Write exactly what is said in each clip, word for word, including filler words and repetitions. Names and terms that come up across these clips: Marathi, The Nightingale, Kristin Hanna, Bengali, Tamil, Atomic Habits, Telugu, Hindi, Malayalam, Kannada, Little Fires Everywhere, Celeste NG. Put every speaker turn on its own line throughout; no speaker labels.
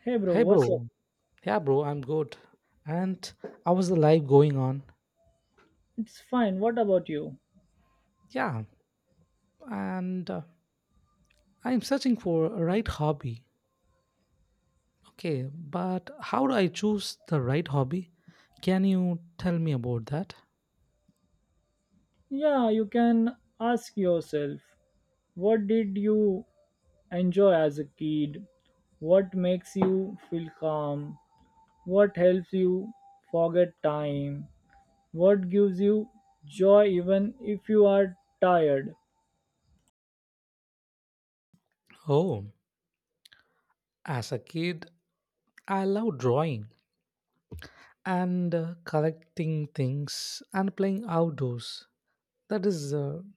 Hey bro,
Hey
what's up?
bro. Yeah, bro, I'm good. And how was the life going on?
It's fine. What about you?
Yeah, and uh, I'm searching for a right hobby. Okay, but how do I choose the right hobby? Can you tell me about that?
Yeah, you can ask yourself, what did you enjoy as a kid? What makes you feel calm? What helps you forget time? What gives you joy even if you are tired?
Oh, as a kid, I love drawing and uh, collecting things and playing outdoors. That is an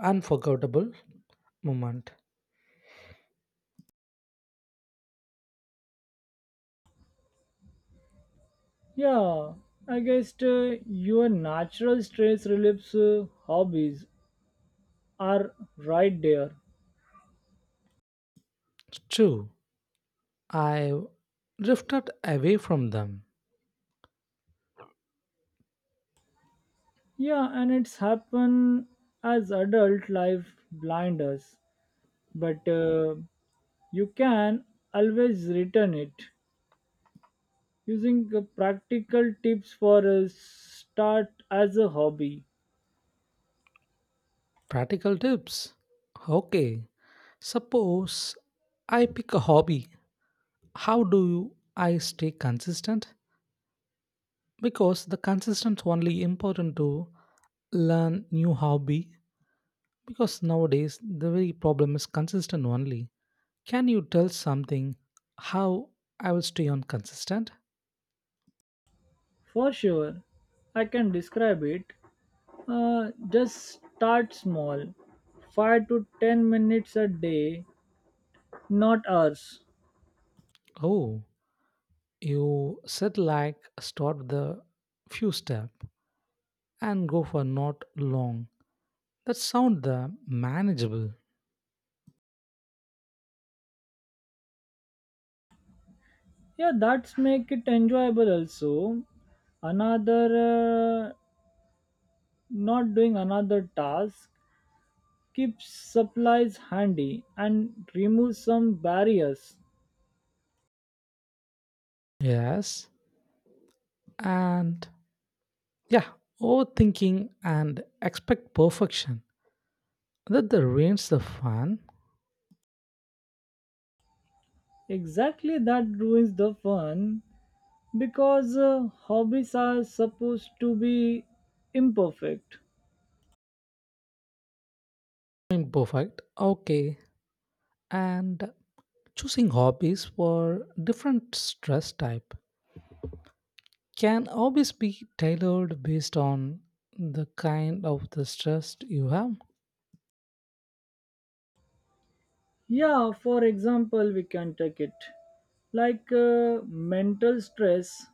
unforgettable moment.
Yeah, I guess uh, your natural stress relief uh, hobbies are right there.
True, I drifted away from them.
Yeah, and it's happen as adult life blinders, but uh, you can always return it using uh, practical tips for a start as a hobby.
Practical tips. Okay. Suppose I pick a hobby. How do you- I stay consistent? Because the consistent only important to learn new hobby because nowadays the very problem is consistent only. Can you tell something how I will stay on consistent?
For sure, I can describe it. Uh, just start small, five to ten minutes a day, not hours.
Oh, you said like start with the few step and go for not long. That sound the manageable.
Yeah, that's make it enjoyable also. Another uh, not doing another task keeps supplies handy and removes some barriers.
Yes. And yeah, overthinking and expect perfection that the reins the fun.
Exactly that ruins the fun because uh, hobbies are supposed to be imperfect.
I'm perfect, okay. And choosing hobbies for different stress type, can hobbies be tailored based on the kind of the stress you have?
Yeah, for example, we can take it like uh, mental stress,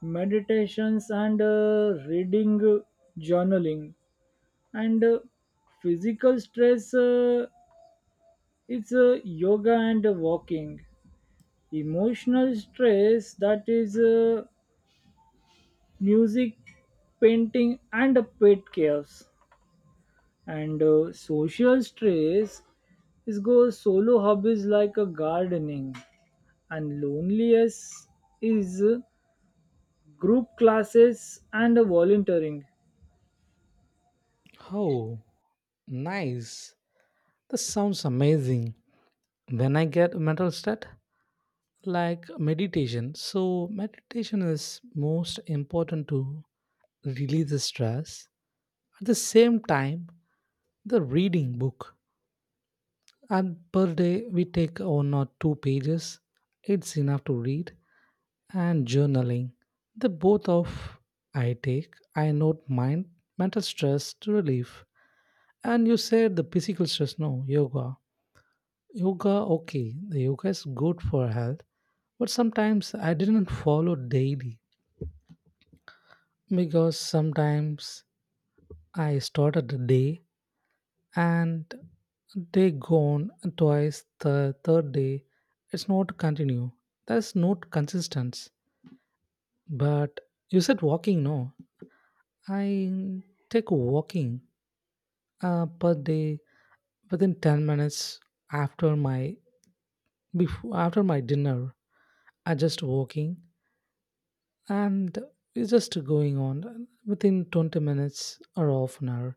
meditations, and uh, reading, uh, journaling, and uh, physical stress. Uh, it's uh, yoga and walking, emotional stress, that is uh, music, painting, and uh, pet chaos, and uh, social stress is go solo hobbies like uh, gardening, and loneliness is uh, group classes and uh, volunteering.
Oh, nice. That sounds amazing. When I get mental state like meditation, so meditation is most important to release the stress. At the same time, the reading book. And per day, we take one or two pages. It's enough to read. And journaling. The both of I take, I note mind, mental stress to relief. And you said the physical stress, no, yoga. Yoga, okay, the yoga is good for health. But sometimes I didn't follow daily because sometimes I started the day and they gone twice the third day. It's not continue. That's not consistent. But you said walking, no, I take walking uh, per day within ten minutes after my before after my dinner. I just walking. And it's just going on within twenty minutes or half an hour.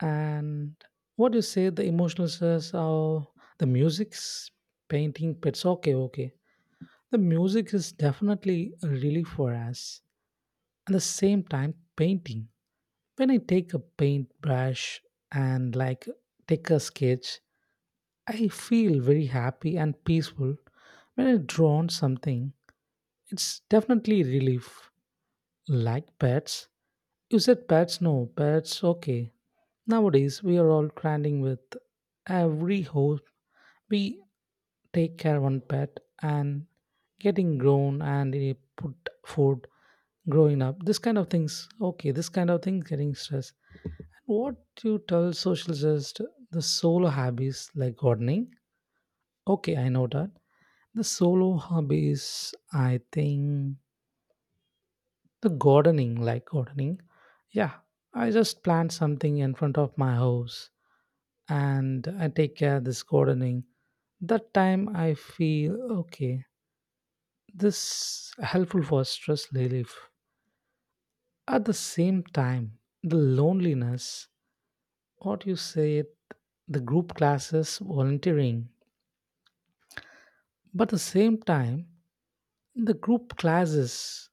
And what you say the emotional stress or the music's painting pits? Okay, okay. The music is definitely a relief for us. At the same time, painting. When I take a paintbrush and like take a sketch, I feel very happy and peaceful. When I draw on something, it's definitely relief. Like pets. You said pets, no, pets, okay. Nowadays, we are all trending with every ho we take care one pet and getting grown and eh, put food growing up this kind of things. Okay, this kind of things getting stressed. What you tell socialists, the solo hobbies like gardening. Okay, I know that. The solo hobbies, I think the gardening, like gardening, yeah. I just plant something in front of my house, and I take care of this gardening. That time I feel okay, this helpful for stress relief. At the same time, the loneliness, what you say it, the group classes volunteering. But at the same time, the group classes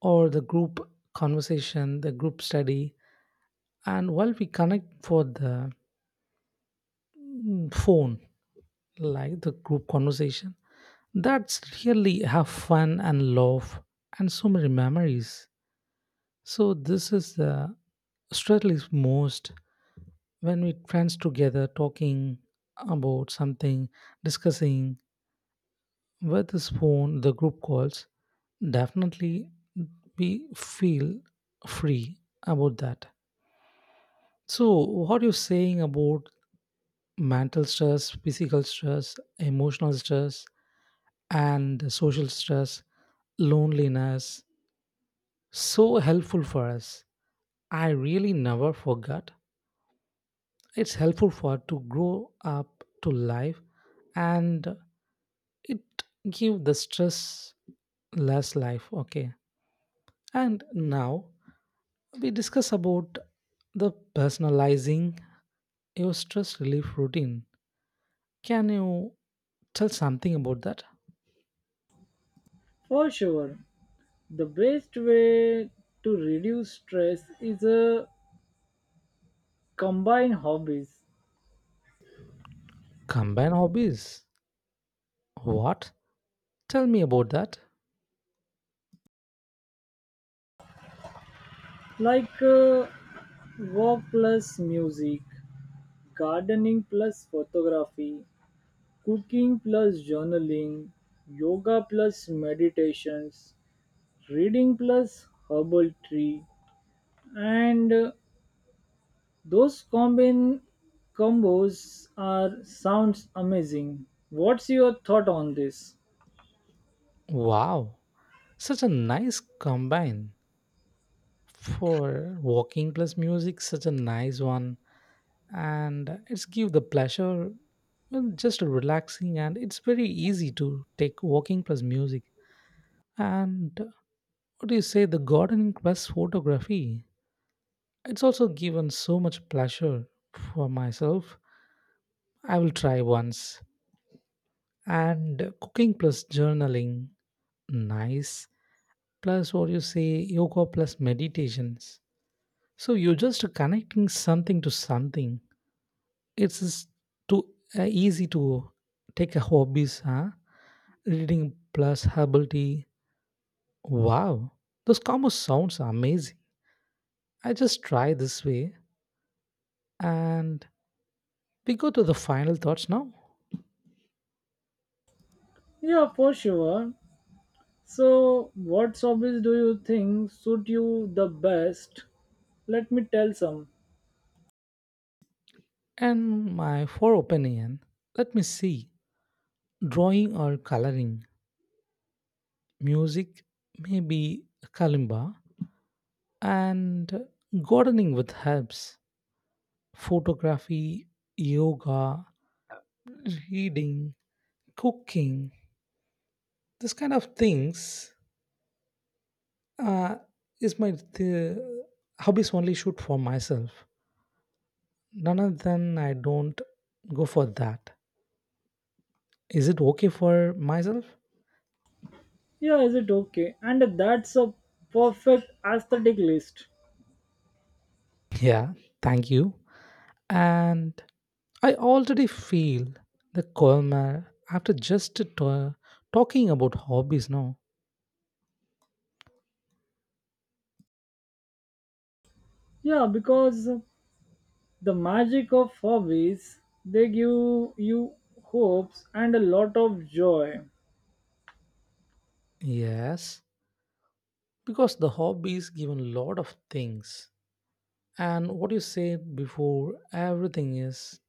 or the group conversation, the group study. And while we connect for the mm, phone, like the group conversation, that's really have fun and love and so many memories. So this is the stress relief most when we friends together talking about something, discussing with this phone, the group calls, definitely we feel free about that. So what you're saying about mental stress, physical stress, emotional stress, and social stress, loneliness, so helpful for us. I really never forgot. It's helpful for to grow up to life. And it give the stress less life, okay. And now we discuss about the personalizing your stress relief routine. Can you tell something about that?
For sure, the best way to reduce stress is uh, combine hobbies
Combine hobbies, what, tell me about that.
like uh, walk plus music, gardening plus photography, cooking plus journaling, yoga plus meditations, reading plus herbal tree, and uh, those combine combos are sounds amazing. What's your thought on this?
Wow, such a nice combine for walking plus music, such a nice one. And it's give the pleasure. Well, just relaxing, and it's very easy to take walking plus music. And what do you say, the gardening plus photography? It's also given so much pleasure for myself. I will try once. And cooking plus journaling, nice. Plus, what do you say, yoga plus meditations. So you're just connecting something to something. It's just too uh, easy to take a hobbies, huh? Reading plus herbal tea. Wow, those combos sounds are amazing. I just try this way, and we go to the final thoughts now.
Yeah, for sure. So, what hobbies do you think suit you the best? Let me tell some.
And my for opinion, let me see. Drawing or coloring, music, maybe kalimba, and gardening with herbs, photography, yoga, reading, cooking, this kind of things uh, is my th- hobbies only shoot for myself. None of them I don't go for that. Is it okay for myself?
Yeah, is it okay? And that's a perfect aesthetic list.
Yeah, thank you. And I already feel the calmer after just to- talking about hobbies now.
Yeah, because the magic of hobbies, they give you hopes and a lot of joy.
Yes, because the hobbies give a lot of things. And what you said before, everything is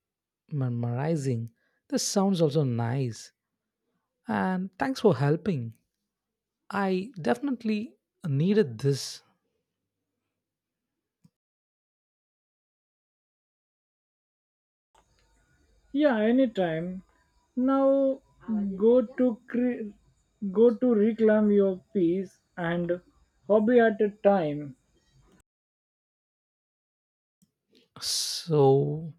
memorizing. This sounds also nice. And thanks for helping. I definitely needed this.
Yeah, anytime. Now go to cre- go to reclaim your peace and hobby at a time.
So,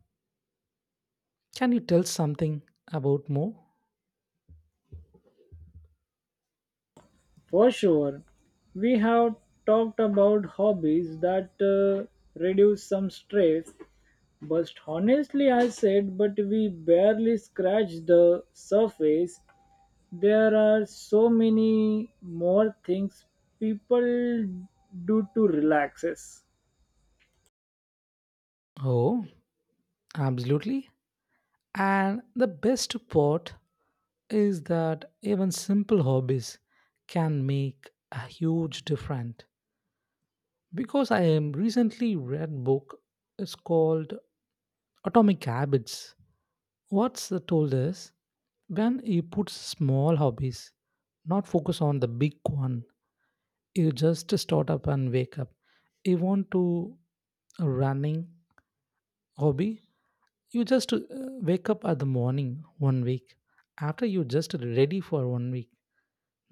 can you tell something about more?
For sure, we have talked about hobbies that uh, reduce some stress. But honestly, I said, but we barely scratch the surface. There are so many more things people do to relaxes.
Oh, absolutely. And the best part is that even simple hobbies can make a huge difference. Because I am recently read book, it's called Atomic Habits. What's the told is, when you put small hobbies, not focus on the big one. You just start up and wake up. You want to a running hobby? You just uh, wake up at the morning one week. After you just ready for one week,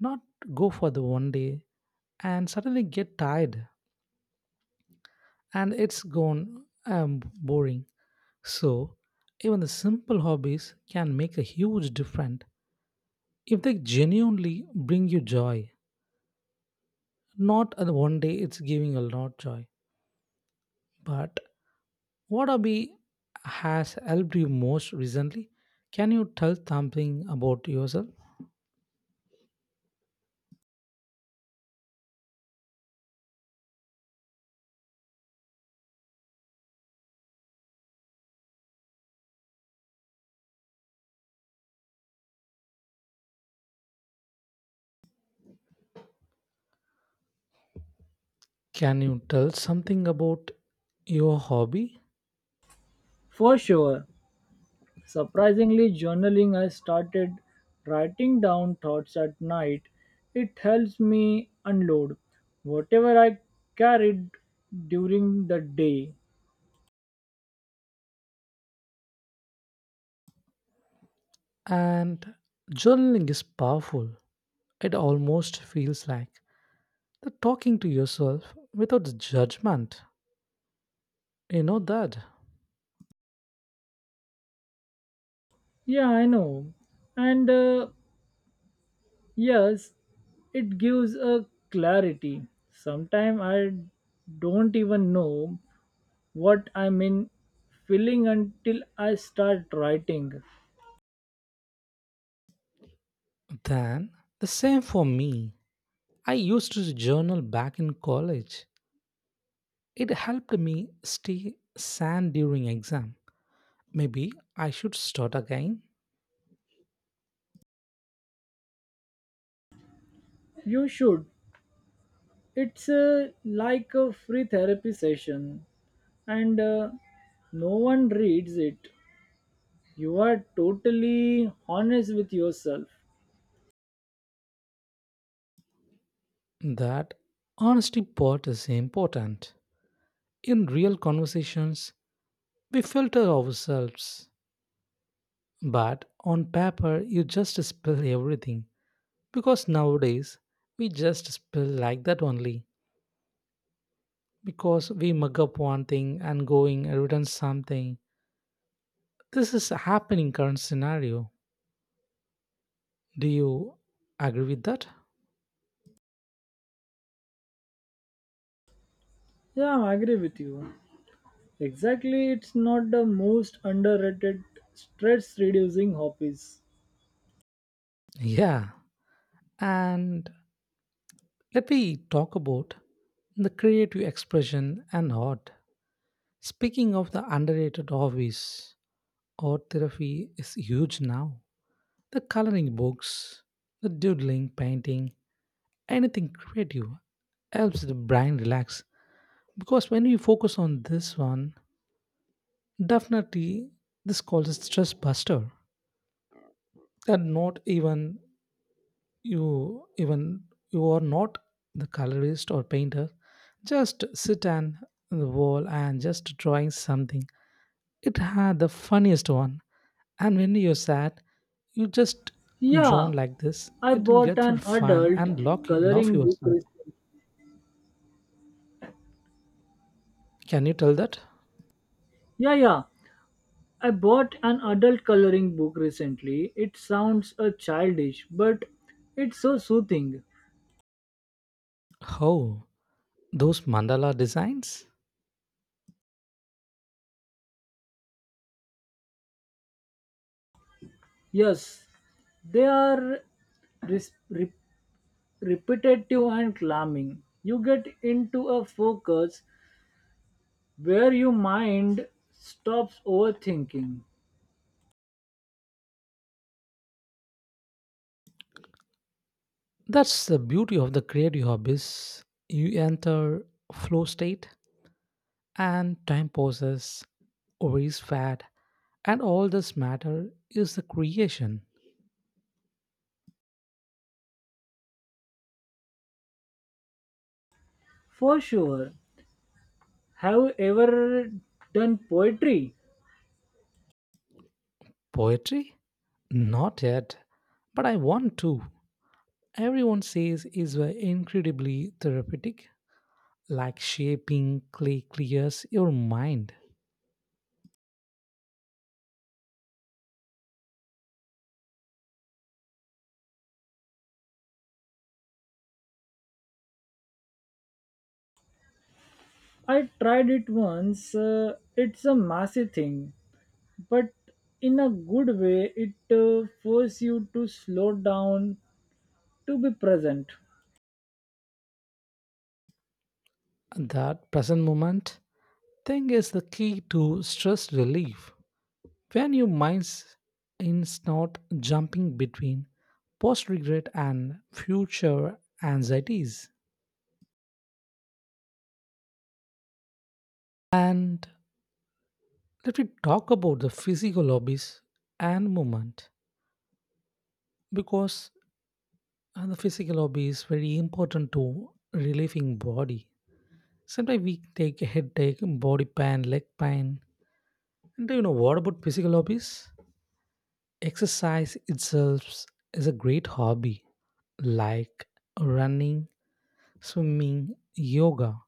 not go for the one day and suddenly get tired and it's gone um, boring. So, even the simple hobbies can make a huge difference if they genuinely bring you joy. Not uh, one day it's giving a lot joy, but what hobby has helped you most recently? Can you tell something about yourself? Can you tell something about your hobby?
For sure. Surprisingly, journaling, I started writing down thoughts at night. It helps me unload whatever I carried during the day.
And journaling is powerful. It almost feels like the talking to yourself without judgment. You know that.
Yeah, I know. And uh, yes, it gives a clarity. Sometimes I don't even know what I'm in feeling until I start writing.
Then the same for me. I used to journal back in college. It helped me stay sane during exam. Maybe I should start again.
You should. It's uh, like a free therapy session, and uh, no one reads it. You are totally honest with yourself.
That honesty part is important. In real conversations, we filter ourselves, but on paper, you just spill everything. Because nowadays we just spill like that only. Because we mug up one thing and going and return something. This is happening current scenario. Do you agree with that?
Yeah, I agree with you. Exactly, it's not the most underrated stress reducing hobbies.
Yeah. And let me talk about the creative expression and art. Speaking of the underrated hobbies, art therapy is huge now. The coloring books, the doodling, painting, anything creative helps the brain relax. Because when you focus on this one, definitely this calls it stress buster. And not even you even you are not the colorist or painter. Just sit on the wall and just drawing something. It had the funniest one. And when you're sad, you just
Yeah,
drawn like this.
I
It will
bought
get for
an
fun
adult
and lock you, love
coloring book
yourself.
recently.
Can you tell that?
Yeah, yeah. I bought an adult coloring book recently. It sounds a childish, but it's so soothing.
How? Those mandala designs?
Yes, they are res- re- repetitive and calming. You get into a focus where your mind stops overthinking.
That's the beauty of the creative hobbies. You enter flow state and time pauses, worries fad, and all this matter is the creation.
For sure. Have you ever done poetry?
Poetry? Not yet, but I want to. Everyone says is uh, incredibly therapeutic, like shaping clay clears your mind.
I tried it once. uh, it's a massive thing, but in a good way it uh, force you to slow down, to be present.
That present moment think is the key to stress relief. When your mind is not jumping between post regret and future anxieties. And let me talk about the physical hobbies and movement because uh, the physical hobby is very important to relieving body. Sometimes we take a headache, body pain, leg pain. And do you know what about physical hobbies? Exercise itself is a great hobby, like running, swimming, yoga.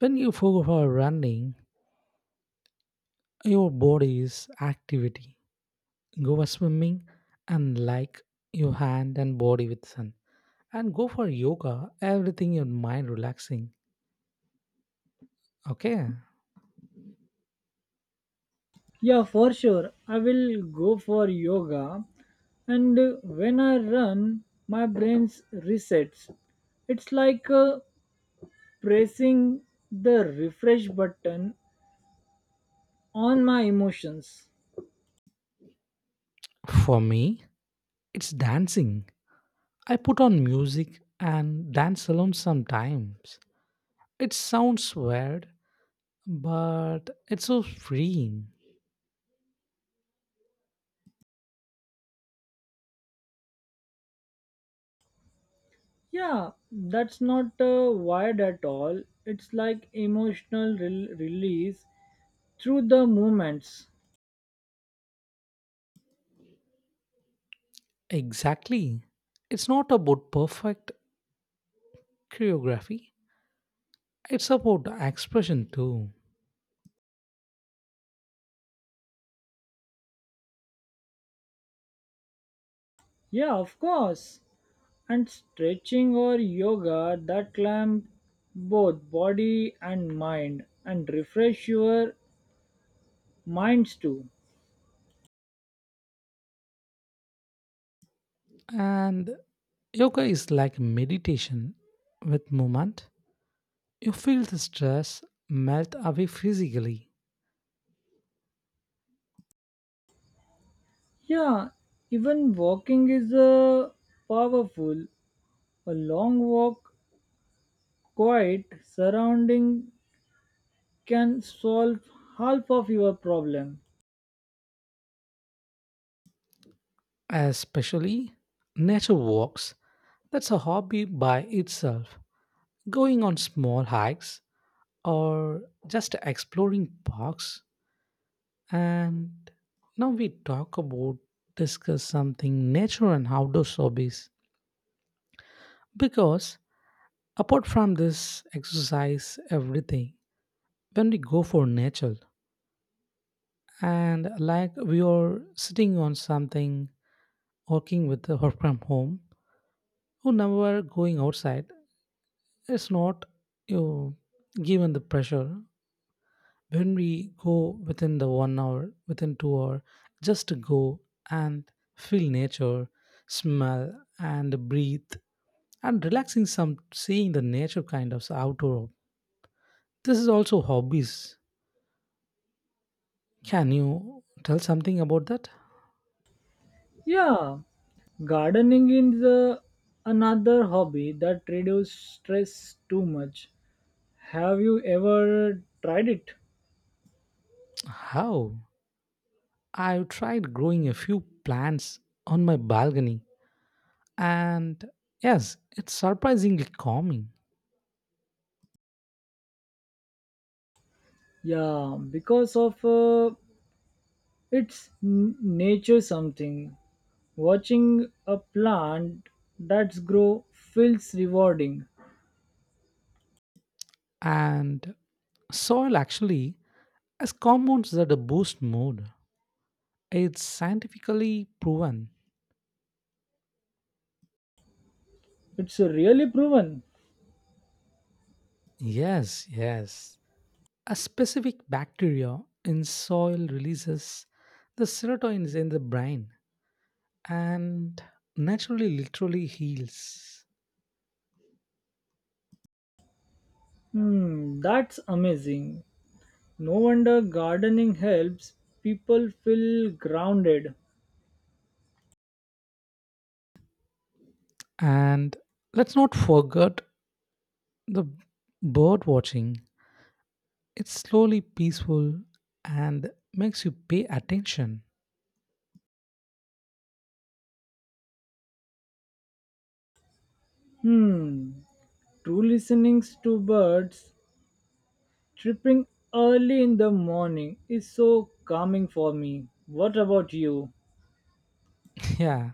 When you go for running, your body is activity. Go for swimming and like your hand and body with sun. And go for yoga, everything your mind relaxing. Okay.
Yeah, for sure, I will go for yoga, and uh, when I run my brain resets. It's like uh, pressing the refresh button on my emotions.
For me, it's dancing. I put on music and dance alone sometimes. It sounds weird, but it's so freeing.
Yeah, that's not uh, wired at all. It's like emotional rel release through the movements.
Exactly. It's not about perfect choreography, it's about expression too.
Yeah, of course. And stretching or yoga that clamp both body and mind and refresh your minds too.
And yoga is like meditation with movement. You feel the stress melt away physically,
Yeah, even walking is a powerful, a long walk, quiet surrounding, can solve half of your problem.
especially nature walks. That's a hobby by itself. Going on small hikes or just exploring parks. And now we talk about discuss something nature and outdoor hobbies because apart from this exercise everything, when we go for nature and like we are sitting on something working with the work from home who never going outside, it's not you know, given the pressure. When we go within the one hour within two hour just to go and feel nature smell and breathe and relaxing, some seeing the nature kind of outdoor, this is also hobbies. Can you tell something about that?
Yeah, gardening is the another hobby that reduces stress too much. Have you ever tried it?
How? I've tried growing a few plants on my balcony, and yes, it's surprisingly calming.
Yeah, because of uh, its n- nature something. Watching a plant that's grow feels rewarding.
And soil actually has compounds that boost mood. It's scientifically proven.
It's really proven.
Yes, yes. A specific bacteria in soil releases the serotonin in the brain and naturally literally heals.
Hmm, that's amazing. No wonder gardening helps people feel grounded.
And let's not forget the bird watching. It's slowly peaceful and makes you pay attention.
Hmm, true. Listening to birds tripping early in the morning is so calming for me. What about you?
Yeah,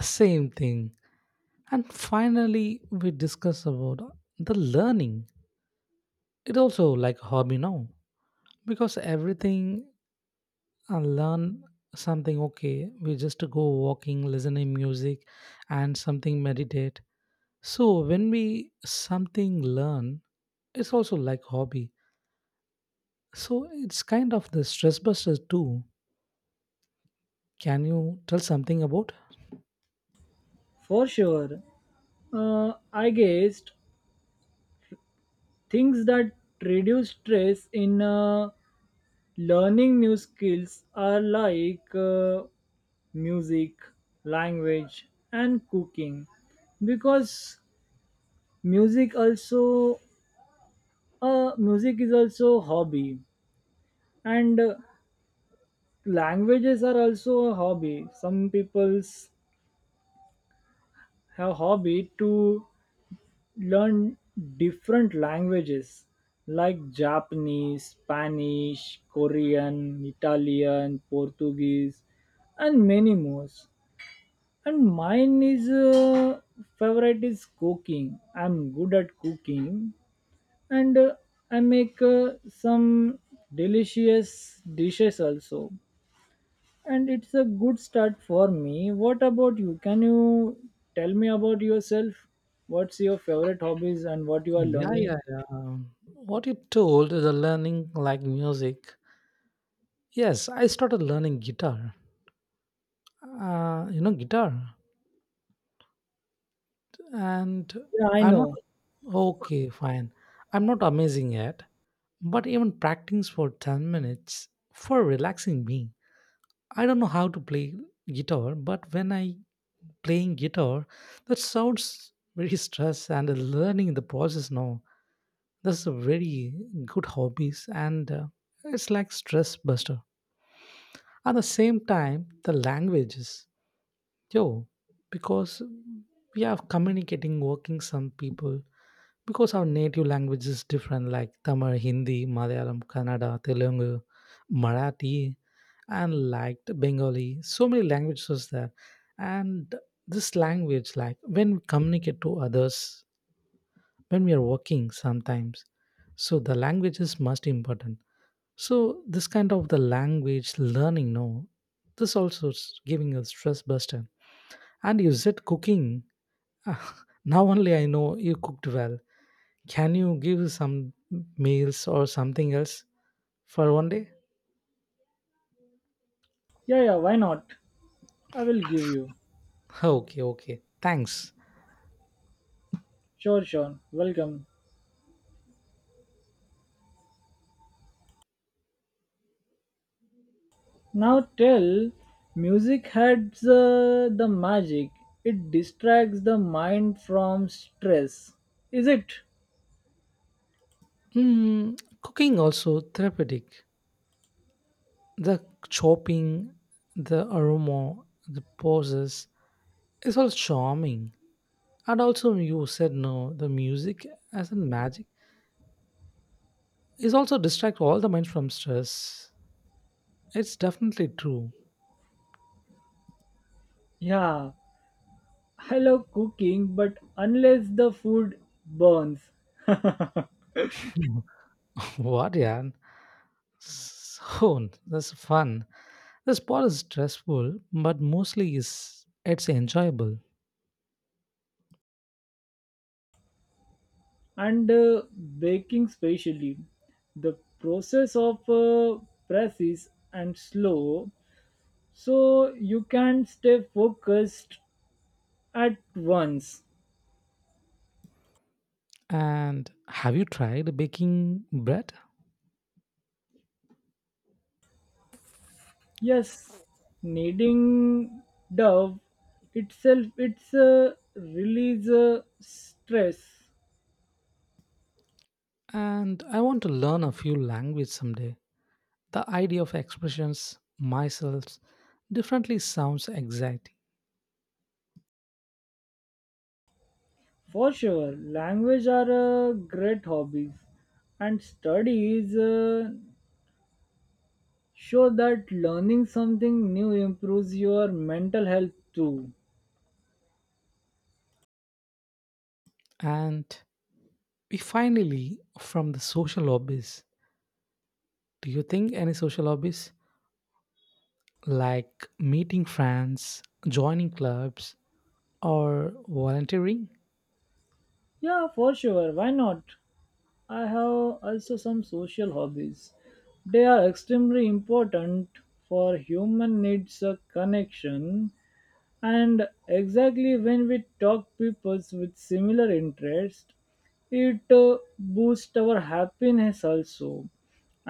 same thing. And finally, we discuss about the learning. It also like hobby now because everything I learn something. Okay, we just go walking, listening music, and something meditate. So when we something learn, it's also like hobby. So it's kind of the stress buster too. Can you tell something about?
For sure. Uh, I guessed things that reduce stress in uh, learning new skills are like uh, music, language, and cooking, because music also uh, music is also a hobby, and uh, languages are also a hobby. Some people's have hobby to learn different languages like Japanese, Spanish, Korean, Italian, Portuguese, and many more. And mine is uh, favorite is cooking. I'm good at cooking, and uh, I make uh, some delicious dishes also. And it's a good start for me. What about you? Can you tell me about yourself? What's your favorite hobbies and what you are
Yeah,
learning?
yeah, yeah. Um, what you told the learning like music, yes, I started learning guitar, uh, you know guitar, and
Yeah, I
I'm not
know.
okay, fine. I'm not amazing yet, but even practicing for ten minutes for relaxing me. I don't know how to play guitar, but when I playing guitar, that sounds very stress and learning in the process now. That's a very good hobbies, and uh, it's like stress buster. At the same time, the languages, yo, because we are communicating, working some people. Because our native language is different, like Tamil, Hindi, Malayalam, Kannada, Telugu, Marathi, and like Bengali, so many languages there. And this language, like when we communicate to others, when we are working sometimes, so the language is most important. So this kind of the language learning, no, this also is giving a stress buster. And you said cooking. Now only I know you cooked well, can you give some meals or something else for one day?
Yeah, yeah, why not? I will give you.
Okay, okay. Thanks.
Sure, sure. Welcome. Now tell, music has uh, the magic. It distracts the mind from stress. Is it?
Mm, cooking also therapeutic. The chopping, the aroma, the poses, it's all charming. And also you said no, the music as in magic is also distract all the mind from stress. It's definitely true.
Yeah. I love cooking, but unless the food burns,
What, yeah. So that's fun. The sport is stressful, but mostly is it's enjoyable.
and uh, baking specially, the process of uh, press is and slow, so you can stay focused at once.
And have you tried baking bread?
Yes, needing Dove itself, it's a release uh, stress
And I want to learn a few language someday. The idea of expressions myself differently sounds exciting.
for sure. Language are a great hobbies, and studies uh, show that learning something new improves your mental health too.
And we finally from the social lobbies. Do you think any social lobbies? Like meeting friends, joining clubs, or volunteering.
Yeah, for sure. Why not? I have also some social hobbies. They are extremely important for human needs a connection, and exactly when we talk peoples with similar interest it uh, boosts our happiness also,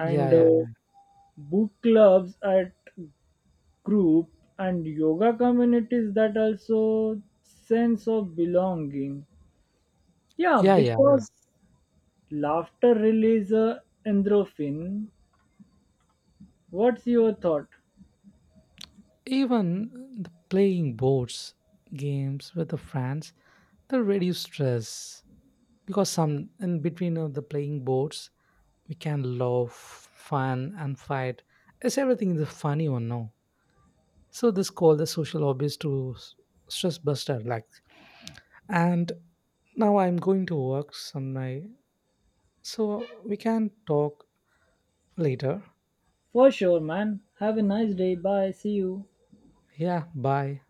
Yeah,
uh,
yeah,
book clubs at group and yoga communities that also sense of belonging. Yeah,
yeah, yeah.
because laughter releases uh, endorphin. What's your thought?
Even the playing boards games with the friends, they reduce stress because some in between of the playing boards, we can laugh, fun, and fight. It's everything is a funny one, no. So this called the social hobbies to s- stress buster. Like, and now I'm going to work some night, so we can talk later.
For sure, man, have a nice day. Bye, see you.
Yeah, bye.